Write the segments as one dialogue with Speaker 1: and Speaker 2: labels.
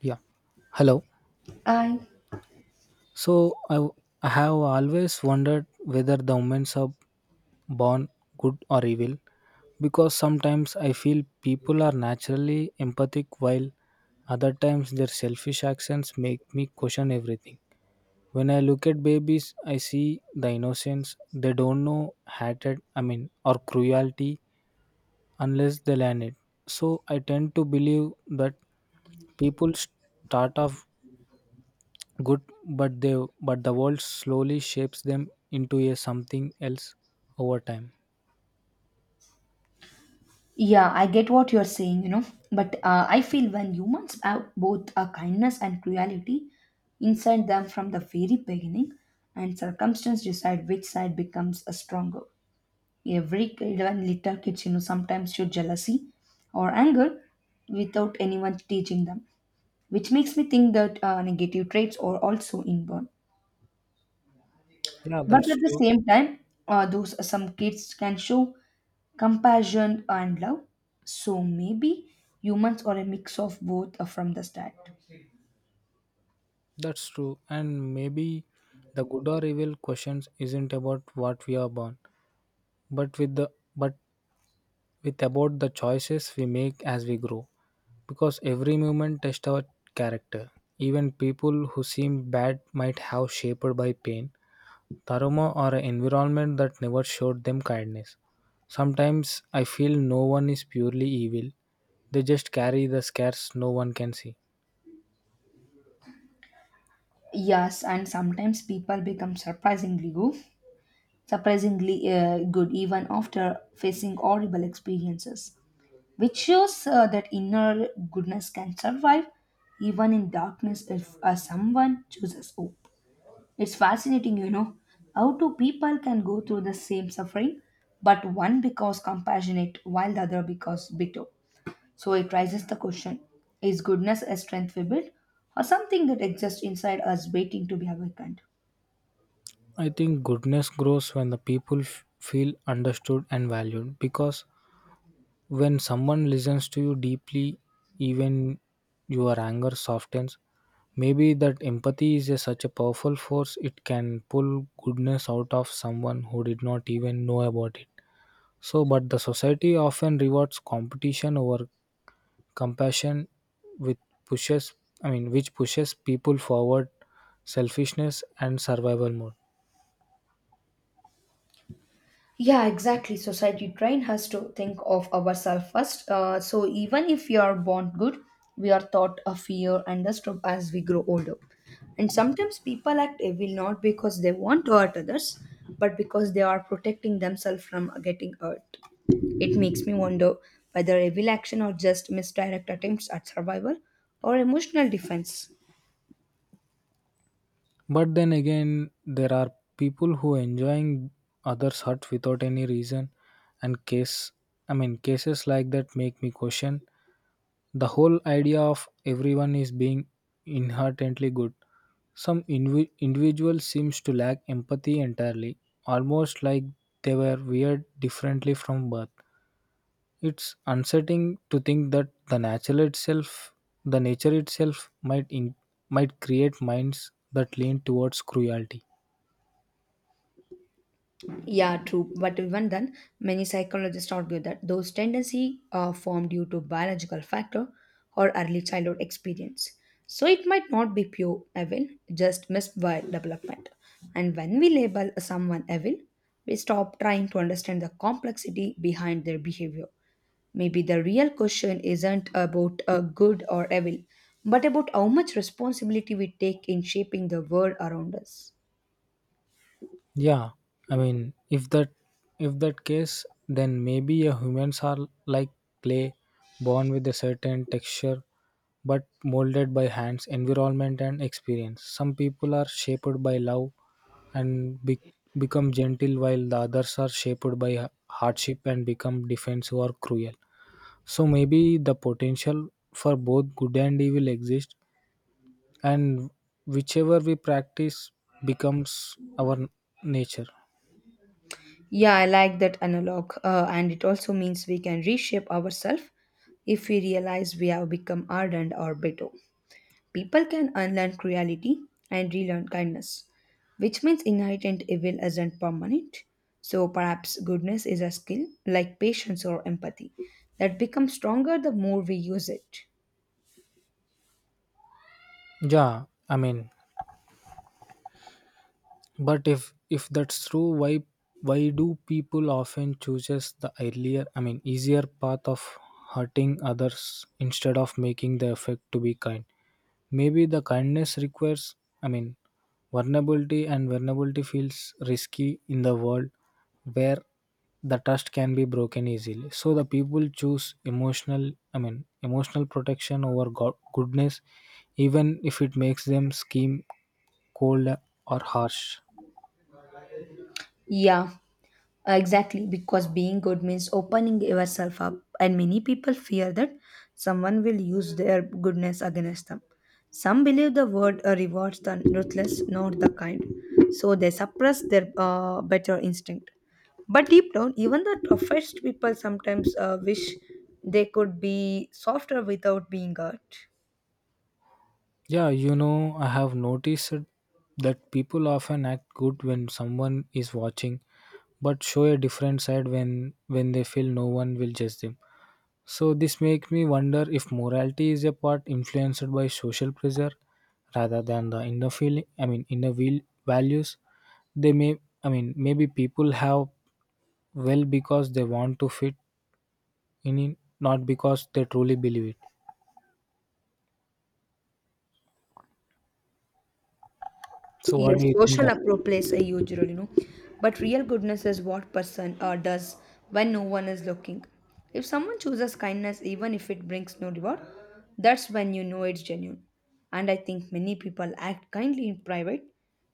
Speaker 1: Yeah. Hello.
Speaker 2: I
Speaker 1: So I have always wondered whether the women are born good or evil, because sometimes I feel people are naturally empathic, while other times their selfish actions make me question everything. When I look at babies, I see the innocence. They don't know hatred, I mean, or cruelty unless they learn it. So I tend to believe that people start off good, but they but the world slowly shapes them into a something else over time.
Speaker 2: Yeah, I get what you're saying, But I feel when humans have both a kindness and cruelty inside them from the very beginning, and circumstance decide which side becomes a stronger. Every kid and little kids, sometimes show jealousy or anger without anyone teaching them, which makes me think that negative traits are also inborn.
Speaker 1: Yeah,
Speaker 2: But
Speaker 1: that's
Speaker 2: at the
Speaker 1: true.
Speaker 2: same time, those some kids can show compassion and love, so maybe humans are a mix of both from the start.
Speaker 1: That's true. And maybe the good or evil questions isn't about what we are born, but with the but with about the choices we make as we grow, because every moment tests our character. Even people who seem bad might have shaped by pain, Taroma are an environment that never showed them kindness. Sometimes I feel no one is purely evil, they just carry the scars no one can see.
Speaker 2: Yes, and sometimes people become surprisingly good, surprisingly good even after facing horrible experiences, which shows that inner goodness can survive even in darkness if someone chooses hope. It's fascinating, you know, how two people can go through the same suffering but one becomes compassionate while the other becomes bitter. So it raises the question: is goodness a strength we build, or something that exists inside us waiting to be awakened?
Speaker 1: I think goodness grows when the people feel understood and valued, because when someone listens to you deeply, even your anger softens. Maybe that empathy is such a powerful force it can pull goodness out of someone who did not even know about it. So, but the society often rewards competition over compassion, with pushes, I mean, which pushes people forward selfishness and survival mode.
Speaker 2: Yeah, exactly. Society train us to think of ourselves first. So even if we are born good, we are taught a fear and a struggle as we grow older. And sometimes people act evil not because they want to hurt others, but because they are protecting themselves from getting hurt. It makes me wonder whether evil action are just misdirect attempts at survival or emotional defense.
Speaker 1: But then again, there are people who enjoying others hurt without any reason, and case, I mean, cases like that make me question the whole idea of everyone is being inherently good. Some individual seems to lack empathy entirely, almost like they were weird differently from birth. It's unsettling to think that the natural itself, the nature itself, might create minds that lean towards cruelty.
Speaker 2: Yeah, true. But even then, many psychologists argue that those tendencies are formed due to biological factor or early childhood experience. So it might not be pure evil, just missed by development. And when we label someone evil, we stop trying to understand the complexity behind their behavior. Maybe the real question isn't about a good or evil, but about how much responsibility we take in shaping the world around us.
Speaker 1: Yeah, I mean, if that case, then maybe humans are like clay, born with a certain texture, but molded by hands, environment, and experience. Some people are shaped by love and become gentle, while the others are shaped by hardship and become defensive or cruel. So maybe the potential for both good and evil exists, and whichever we practice becomes our nature.
Speaker 2: Yeah, I like that analog. And it also means we can reshape ourselves if we realize we have become ardent or bitter. People can unlearn cruelty and relearn kindness, which means inherent evil isn't permanent. So perhaps goodness is a skill like patience or empathy that becomes stronger the more we use it.
Speaker 1: Yeah, I mean, but if that's true, why do people often chooses the earlier, I mean, easier path of hurting others instead of making the effort to be kind? Maybe the kindness requires, I mean, vulnerability, and vulnerability feels risky in the world where the trust can be broken easily. So the people choose emotional, I mean, emotional protection over goodness, even if it makes them scheme cold or harsh.
Speaker 2: Yeah, exactly, because being good means opening yourself up, and many people fear that someone will use their goodness against them. Some believe the word rewards the ruthless, not the kind, so they suppress their better instinct. But deep down, even the toughest people sometimes wish they could be softer without being hurt.
Speaker 1: Yeah, I have noticed it that people often act good when someone is watching, but show a different side when they feel no one will judge them. So this makes me wonder if morality is a part influenced by social pressure rather than the inner feeling. I mean, inner will values. They may, I mean, maybe people have well because they want to fit in, not because they truly believe it. So what
Speaker 2: Yes,
Speaker 1: do you think?
Speaker 2: social approach plays a huge role, you know. But real goodness is what person does when no one is looking. If someone chooses kindness, even if it brings no reward, that's when you know it's genuine. And I think many people act kindly in private,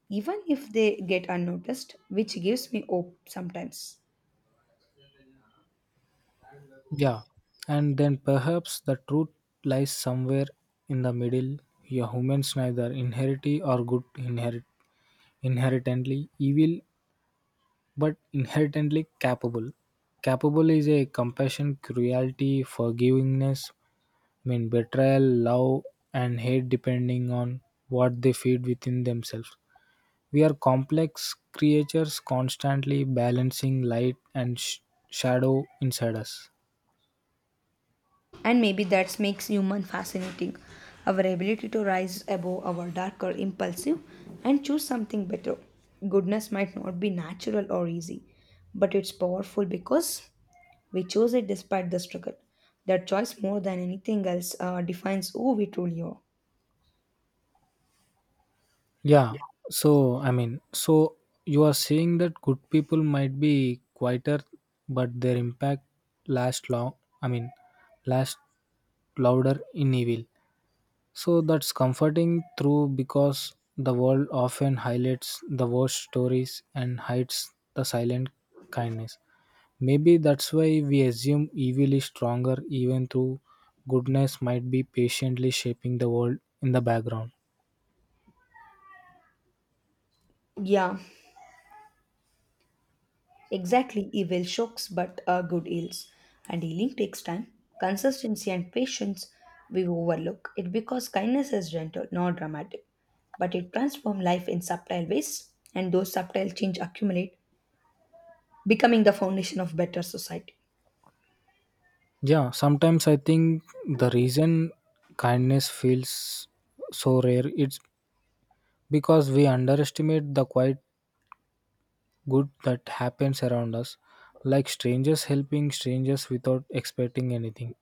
Speaker 2: even if they get unnoticed, which gives me hope sometimes.
Speaker 1: Yeah, and then perhaps the truth lies somewhere in the middle. Your humans neither inherity or good inherit inherently evil, but inherently capable. Capable is a compassion, cruelty, forgivingness, I mean, betrayal, love, and hate depending on what they feed within themselves. We are complex creatures constantly balancing light and shadow inside us.
Speaker 2: And maybe that makes human fascinating. Our ability to rise above our darker impulsive and choose something better. Goodness might not be natural or easy, but it's powerful because we chose it despite the struggle. That choice, more than anything else, defines who we truly are.
Speaker 1: Yeah. I mean, so you are saying that good people might be quieter, but their impact last long. I mean, last louder in evil. So that's comforting through, because the world often highlights the worst stories and hides the silent kindness. Maybe that's why we assume evil is stronger, even though goodness might be patiently shaping the world in the background.
Speaker 2: Yeah, exactly, evil shocks but are good heals. And healing takes time, consistency, and patience. We overlook it because kindness is gentle, not dramatic, but it transforms life in subtle ways, and those subtle change accumulate, becoming the foundation of better society.
Speaker 1: Yeah, sometimes I think the reason kindness feels so rare it's because we underestimate the quiet good that happens around us, like strangers helping strangers without expecting anything.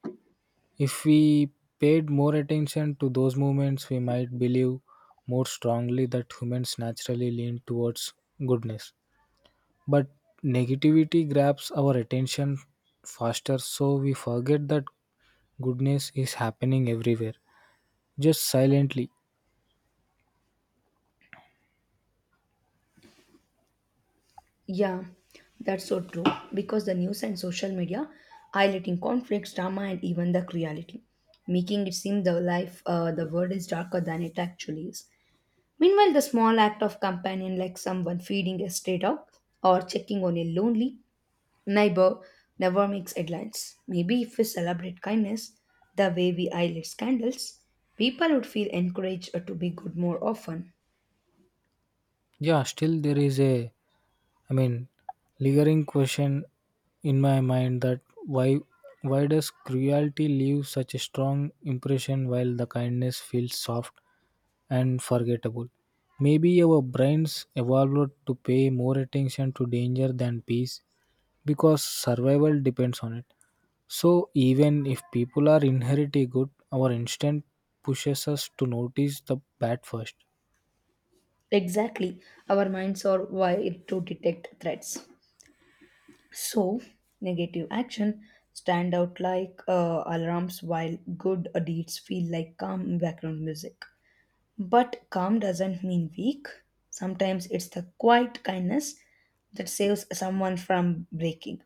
Speaker 1: If we paid more attention to those moments, we might believe more strongly that humans naturally lean towards goodness. But negativity grabs our attention faster, so we forget that goodness is happening everywhere, just silently.
Speaker 2: Yeah, that's so true because the news and social media highlighting conflicts, drama, and even the cruelty, making it seem the world is darker than it actually is. Meanwhile, the small act of companion, like someone feeding a stray dog or checking on a lonely neighbor, never makes headlines. Maybe if we celebrate kindness the way we eyelid candles, people would feel encouraged to be good more often.
Speaker 1: Yeah, still there is a, I mean, lingering question in my mind that why does cruelty leave such a strong impression while the kindness feels soft and forgettable? Maybe our brains evolved to pay more attention to danger than peace, because survival depends on it. So even if people are inherently good, our instinct pushes us to notice the bad first.
Speaker 2: Exactly, our minds are wired to detect threats. So, negative action stand out like alarms, while good deeds feel like calm background music. But calm doesn't mean weak. Sometimes it's the quiet kindness that saves someone from breaking.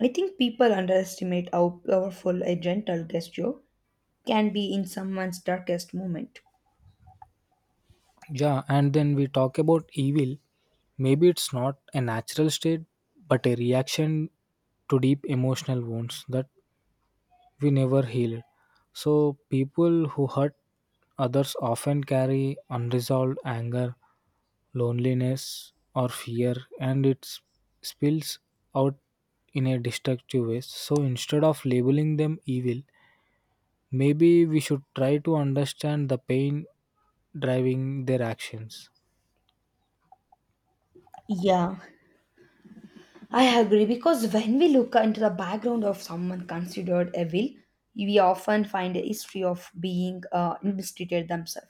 Speaker 2: I think people underestimate how powerful a gentle gesture can be in someone's darkest moment.
Speaker 1: Yeah, and then we talk about evil. Maybe it's not a natural state, but a reaction to deep emotional wounds that we never heal. So, people who hurt others often carry unresolved anger, loneliness, or fear, and it spills out in a destructive way. So, instead of labeling them evil, maybe we should try to understand the pain driving their actions.
Speaker 2: Yeah, I agree, because when we look into the background of someone considered evil, we often find a history of being mistreated themselves.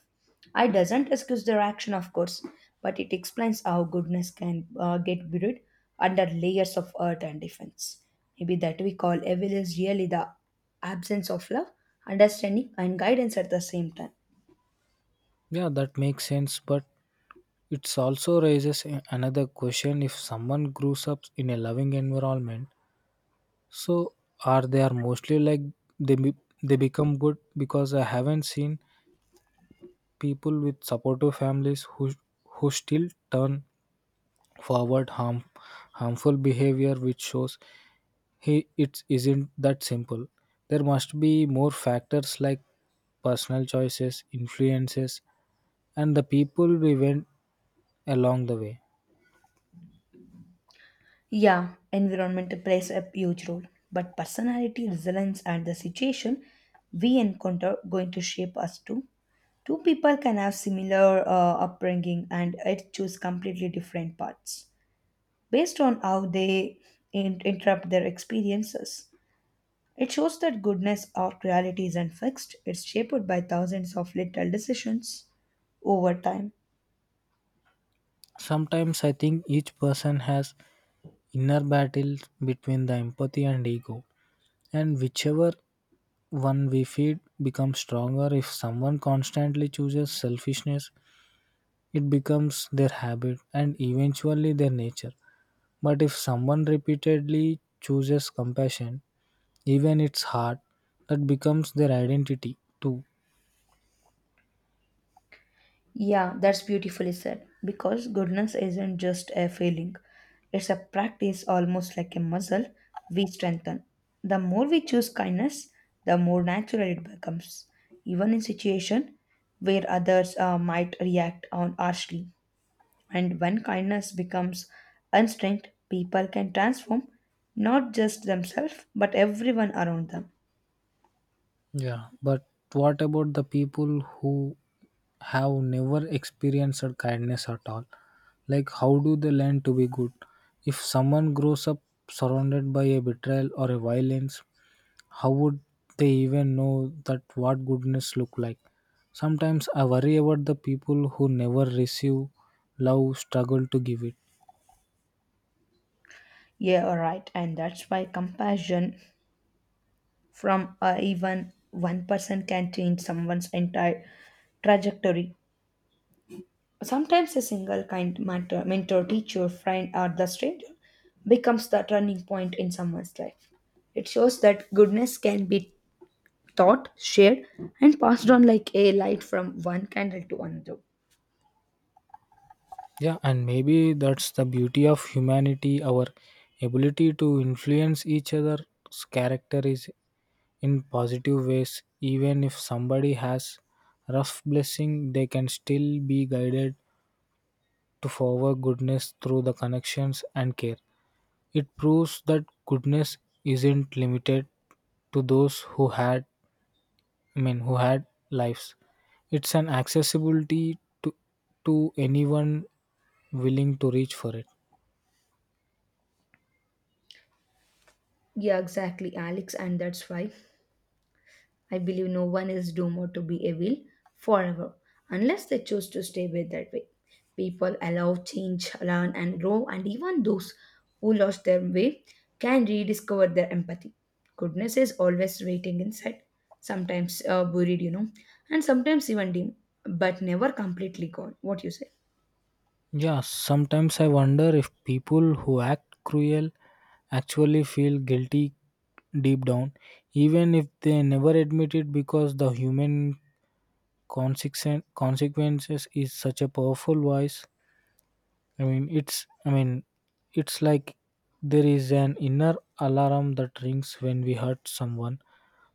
Speaker 2: I doesn't excuse their action, of course, but it explains how goodness can get buried under layers of earth and defense. Maybe that we call evil is really the absence of love, understanding, and guidance at the same time.
Speaker 1: Yeah, that makes sense, but it also raises another question. If someone grows up in a loving environment, so are they are mostly like they be, they become good? Because I haven't seen people with supportive families who still turn forward harmful behavior, which shows he it isn't that simple. There must be more factors like personal choices, influences, and the people we went along the way.
Speaker 2: Yeah, environment plays a huge role, but personality, resilience, and the situation we encounter going to shape us too. Two people can have similar upbringing and yet choose completely different paths based on how they interrupt their experiences. It shows that goodness or reality isn't fixed; it's shaped by thousands of little decisions over time.
Speaker 1: Sometimes I think each person has inner battles between the empathy and ego, and whichever one we feed becomes stronger. If someone constantly chooses selfishness, it becomes their habit and eventually their nature. But if someone repeatedly chooses compassion, even it's hard, that becomes their identity too.
Speaker 2: Yeah, that's beautifully said. Because goodness isn't just a feeling, it's a practice almost like a muscle we strengthen. The more we choose kindness, the more natural it becomes, even in situations where others might react on harshly. And when kindness becomes instinct, people can transform not just themselves but everyone around them.
Speaker 1: Yeah. But what about the people who have never experienced kindness at all? Like, how do they learn to be good? If someone grows up surrounded by a betrayal or a violence, how would they even know that what goodness look like? Sometimes I worry about the people who never receive love, struggle to give it.
Speaker 2: Yeah, all right, and that's why compassion from, even one person, can change someone's entire trajectory. Sometimes a single kind mentor, teacher, friend, or the stranger becomes the turning point in someone's life. It shows that goodness can be taught, shared, and passed on like a light from one candle to another.
Speaker 1: Yeah, and maybe that's the beauty of humanity. Our ability to influence each other's character is in positive ways. Even if somebody has rough blessing, they can still be guided to forward goodness through the connections and care. It proves that goodness isn't limited to those who had, I mean, who had lives. It's an accessibility to anyone willing to reach for it.
Speaker 2: Yeah, exactly, Alex, and that's why I believe no one is doomed to be evil forever unless they choose to stay with that way. People allow change, learn, and grow, and even those who lost their way can rediscover their empathy. Goodness is always waiting inside, sometimes buried, you know, and sometimes even dim, but never completely gone. What you say?
Speaker 1: Yeah, sometimes I wonder if people who act cruel actually feel guilty deep down, even if they never admit it, because the human consequences is such a powerful voice. I mean, it's like there is an inner alarm that rings when we hurt someone,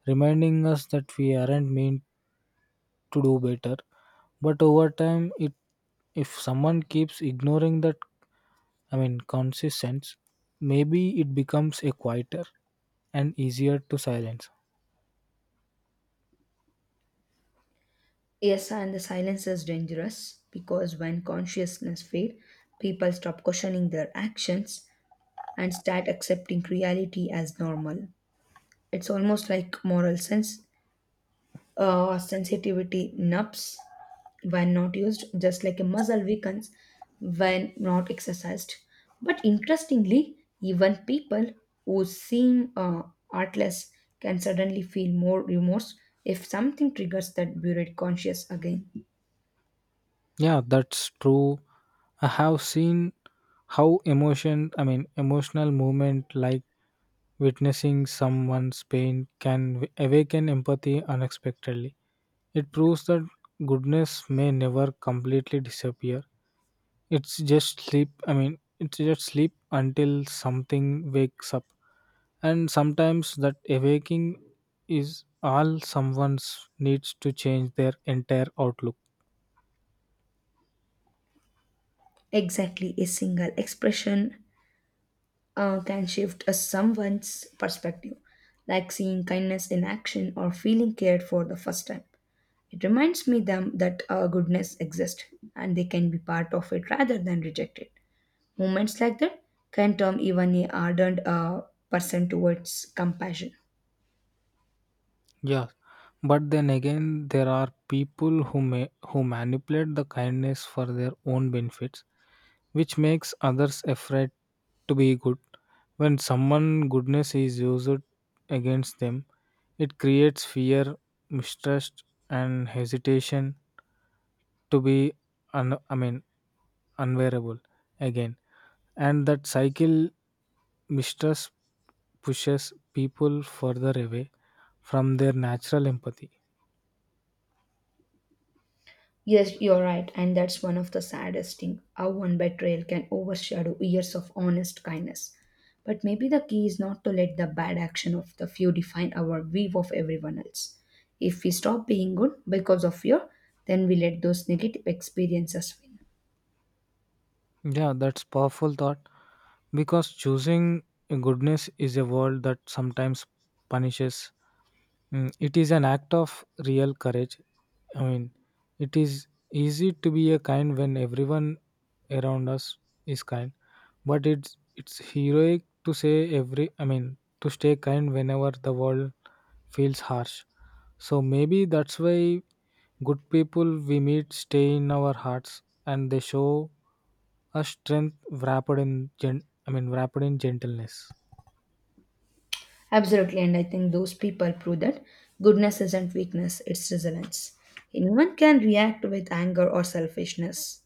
Speaker 1: reminding us that we aren't meant to do better. But over time, it if someone keeps ignoring that, I mean, consistent, maybe it becomes a quieter and easier to silence.
Speaker 2: Yes, and the silence is dangerous because when consciousness fades, people stop questioning their actions and start accepting reality as normal. It's almost like moral sense. Sensitivity nubs when not used, just like a muscle weakens when not exercised. But interestingly, even people who seem artless can suddenly feel more remorse if something triggers that buried conscience again.
Speaker 1: Yeah, that's true. I have seen how emotion, I mean, emotional movement like witnessing someone's pain can awaken empathy unexpectedly. It proves that goodness may never completely disappear. It's just sleep, I mean, it's just sleep until something wakes up. And sometimes that awakening is all someone's needs to change their entire outlook.
Speaker 2: Exactly, a single expression can shift a someone's perspective, like seeing kindness in action or feeling cared for the first time. It reminds me them that goodness exists and they can be part of it rather than reject it. Moments like that can turn even a ardent person towards compassion.
Speaker 1: Yeah, but then again there are people who manipulate the kindness for their own benefits, which makes others afraid to be good. When someone goodness is used against them, it creates fear, mistrust, and hesitation to be I mean, unwearable again. And that cycle mistrust pushes people further away from their natural empathy.
Speaker 2: Yes, you're right, and that's one of the saddest things how one betrayal can overshadow years of honest kindness. But maybe the key is not to let the bad action of the few define our view of everyone else. If we stop being good because of fear, then we let those negative experiences win.
Speaker 1: Yeah, that's powerful thought, because choosing goodness is a world that sometimes punishes. It is an act of real courage. I mean, it is easy to be a kind when everyone around us is kind, but it's heroic to say every. I mean, to stay kind whenever the world feels harsh. So maybe that's why good people we meet stay in our hearts and they show us strength wrapped in I mean, wrapped in gentleness.
Speaker 2: Absolutely, and I think those people prove that goodness isn't weakness, it's resilience. Anyone can react with anger or selfishness,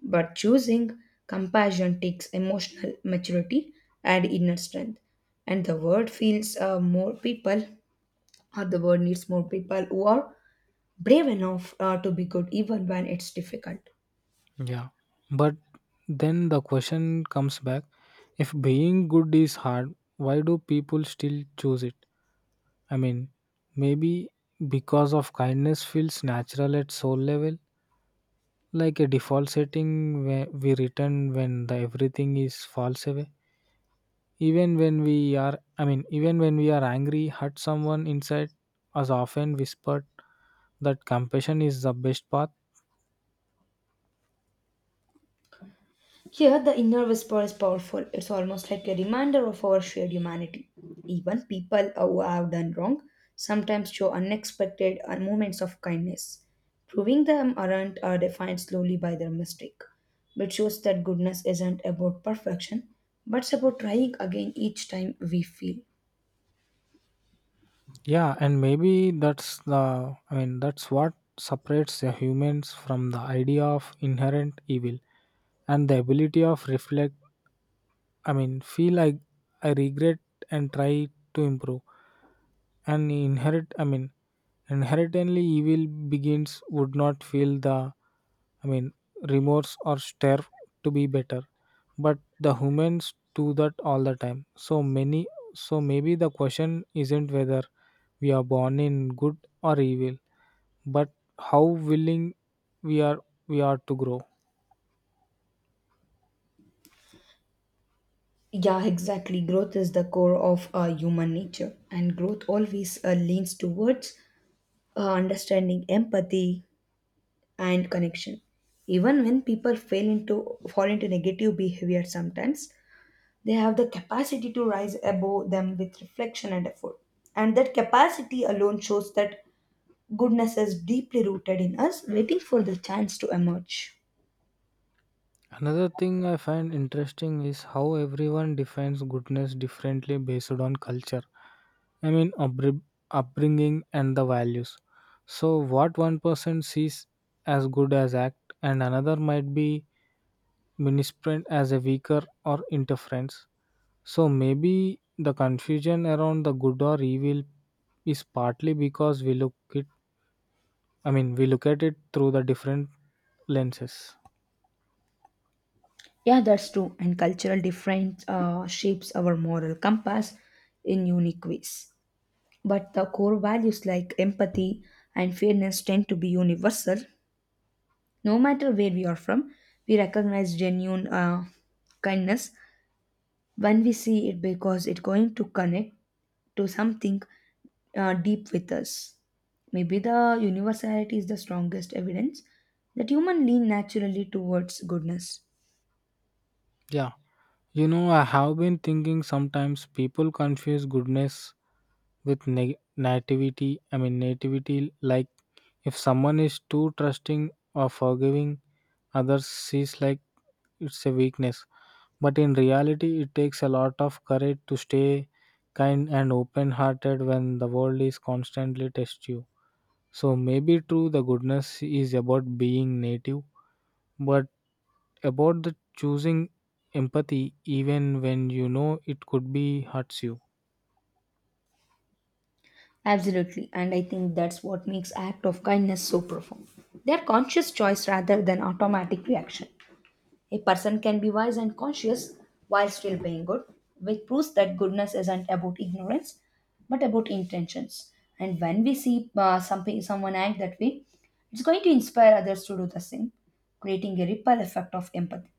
Speaker 2: but choosing compassion takes emotional maturity and inner strength. And the world feels more people, or the world needs more people who are brave enough to be good even when it's difficult.
Speaker 1: Yeah. But then the question comes back. If being good is hard, why do people still choose it? I mean, maybe because of kindness feels natural at soul level, like a default setting where we return when the everything is falls away. Even when we are, I mean, even when we are angry, hurt someone inside us often whispered that compassion is the best path.
Speaker 2: Here, the inner whisper is powerful. It's almost like a reminder of our shared humanity. Even people who have done wrong sometimes show unexpected moments of kindness. Proving them aren't are defined slowly by their mistake, which shows that goodness isn't about perfection, but it's about trying again each time we feel.
Speaker 1: Yeah, and maybe that's the, I mean, that's what separates the humans from the idea of inherent evil and the ability of reflect, I mean, feel, I regret and try to improve. And inherit, I mean, inherently evil begins would not feel the, I mean, remorse or strive to be better. But the humans do that all the time. So maybe the question isn't whether we are born in good or evil, but how willing we are we are to grow.
Speaker 2: Yeah, exactly. Growth is the core of human nature, and growth always leans towards understanding empathy, and connection. Even when people fail into fall into negative behavior sometimes, they have the capacity to rise above them with reflection and effort. And that capacity alone shows that goodness is deeply rooted in us, waiting for the chance to emerge.
Speaker 1: Another thing I find interesting is how everyone defines goodness differently based on culture. I mean, upbringing and the values. So, what one person sees as good as act, and another might be misprint as a weaker or interference. So, maybe the confusion around the good or evil is partly because we look it. We look at it through the different lenses.
Speaker 2: Yeah, that's true. And cultural difference shapes our moral compass in unique ways. But the core values like empathy and fairness tend to be universal. No matter where we are from, we recognize genuine kindness when we see it because it's going to connect to something deep with us. Maybe the universality is the strongest evidence that human lean naturally towards goodness.
Speaker 1: Yeah. I have been thinking sometimes people confuse goodness with nativity. Nativity, like if someone is too trusting or forgiving, others sees like it's a weakness. But in reality, it takes a lot of courage to stay kind and open hearted when the world is constantly test you. So maybe true, the goodness is about being native, but about the choosing empathy even when you know it could be hurts you.
Speaker 2: Absolutely, and I think that's what makes act of kindness so profound. They are conscious choice rather than automatic reaction. A person can be wise and conscious while still being good, which proves that goodness isn't about ignorance but about intentions. And when we see someone act that way, it's going to inspire others to do the same, creating a ripple effect of empathy.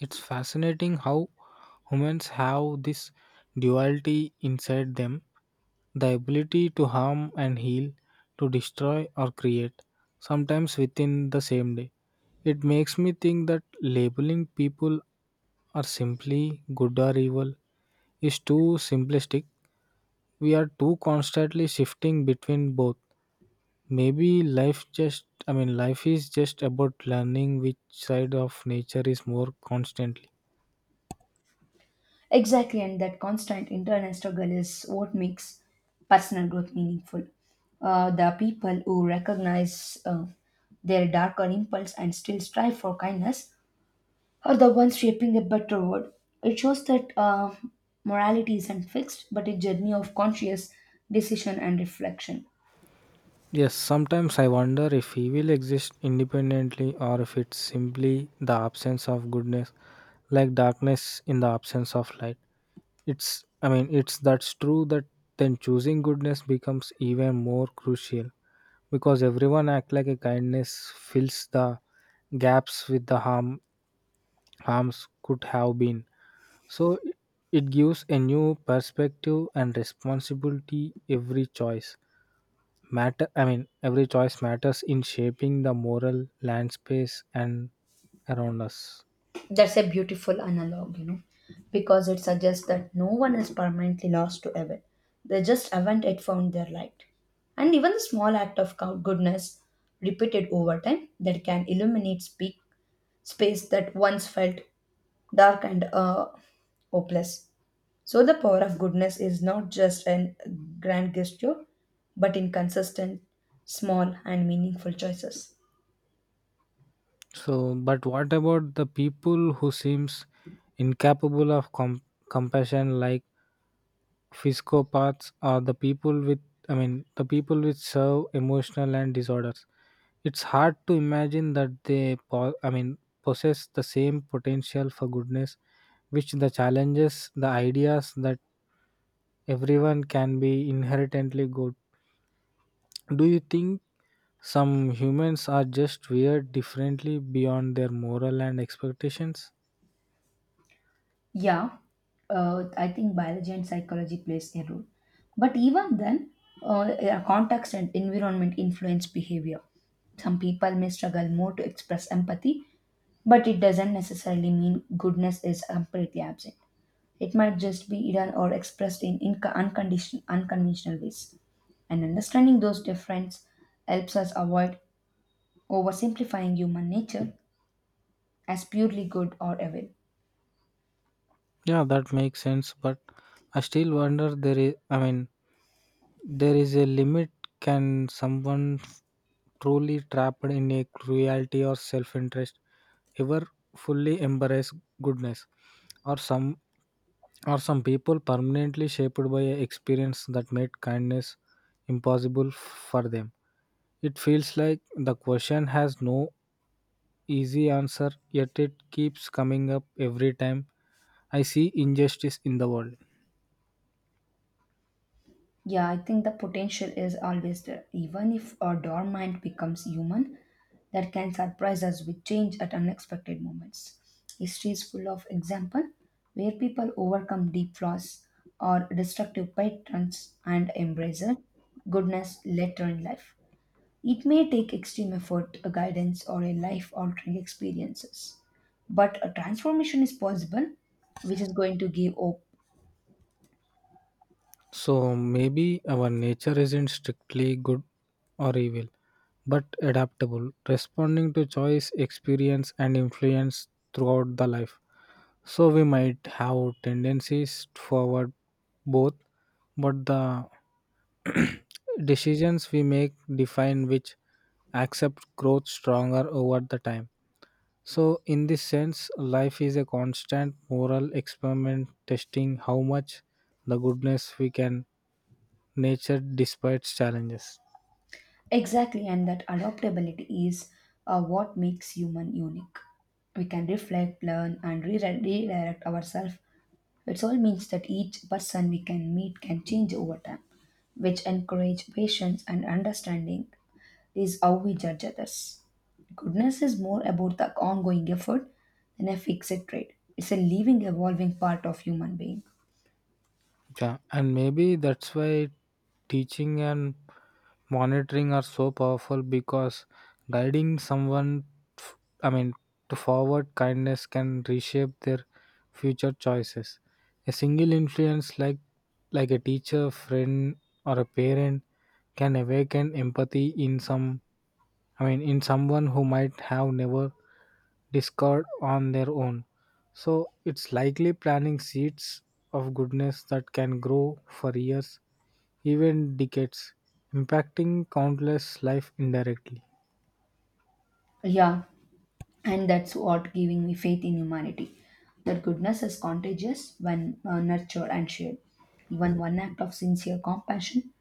Speaker 1: It's fascinating how humans have this duality inside them, the ability to harm and heal, to destroy or create, sometimes within the same day. It makes me think that labeling people are simply good or evil is too simplistic. We are too constantly shifting between both. Maybe life just, I mean, life is just about learning which side of nature is more constantly.
Speaker 2: Exactly, and that constant internal struggle is what makes personal growth meaningful. The people who recognize their darker impulse and still strive for kindness are the ones shaping a better world. It shows that morality isn't fixed, but a journey of conscious decision and reflection.
Speaker 1: Yes, sometimes I wonder if evil exists independently or if it's simply the absence of goodness, like darkness in the absence of light. It's that's true that then choosing goodness becomes even more crucial because everyone act like a kindness fills the gaps with the harms could have been. So it gives a new perspective and responsibility every choice matter I mean every choice matters in shaping the moral land space and around us.
Speaker 2: That's a beautiful analog, you know, because it suggests that no one is permanently lost to evil. They just haven't yet found their light. And even a small act of goodness repeated over time that can illuminate speak, space that once felt dark and hopeless. So the power of goodness is not just in grand gesture, but in consistent, small, and meaningful choices.
Speaker 1: So but what about the people who seems incapable of compassion, like psychopaths are the people with, the people which serve emotional and disorders. It's hard to imagine that they possess the same potential for goodness, which the challenges, the ideas that everyone can be inherently good. Do you think some humans are just weird differently beyond their moral and expectations?
Speaker 2: Yeah, I think biology and psychology plays a role. But even then, yeah, context and environment influence behavior. Some people may struggle more to express empathy, but it doesn't necessarily mean goodness is completely absent. It might just be hidden or expressed in unconventional ways. And understanding those differences helps us avoid oversimplifying human nature as purely good or evil.
Speaker 1: Yeah, that makes sense, but I still wonder there is a limit, can someone truly trapped in a cruelty or self-interest ever fully embrace goodness, or some or some people permanently shaped by a experience that made kindness impossible for them? It feels like the question has no easy answer, yet it keeps coming up every time I see injustice in the world.
Speaker 2: Yeah, I think the potential is always there. Even if our dormant becomes human, that can surprise us with change at unexpected moments. History is full of examples where people overcome deep flaws or destructive patterns and embrace goodness later in life. It may take extreme effort, a guidance, or a life altering experiences. But a transformation is possible, which is going to give hope.
Speaker 1: So maybe our nature isn't strictly good or evil but adaptable, responding to choice, experience, and influence throughout the life. So we might have tendencies toward both, but the decisions we make define which accept growth stronger over the time. So in this sense, life is a constant moral experiment testing how much the goodness we can nature despite challenges.
Speaker 2: Exactly, and that adaptability is what makes human unique. We can reflect, learn, and redirect ourselves. It all means that each person we can meet can change over time, which encourage patience and understanding is how we judge others. Goodness is more about the ongoing effort than a fixed trait. It's a living, evolving part of human being.
Speaker 1: Yeah, and maybe that's why teaching and monitoring are so powerful because guiding someone f- i mean to forward kindness can reshape their future choices. A single influence like a teacher friend or a parent can awaken empathy in someone who might have never discovered on their own. So it's likely planting seeds of goodness that can grow for years, even decades, impacting countless lives indirectly.
Speaker 2: Yeah, and that's what giving me faith in humanity. That goodness is contagious when nurtured and shared. Even one act of sincere compassion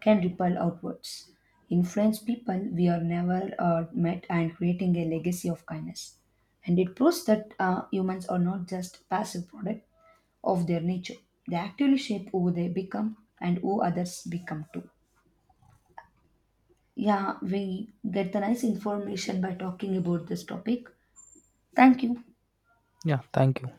Speaker 2: can ripple outwards, influence people we are never met, and creating a legacy of kindness. And it proves that humans are not just passive product of their nature. They actually shape who they become and who others become too. Yeah, we get the nice information by talking about this topic. Thank you.
Speaker 1: Yeah, thank you.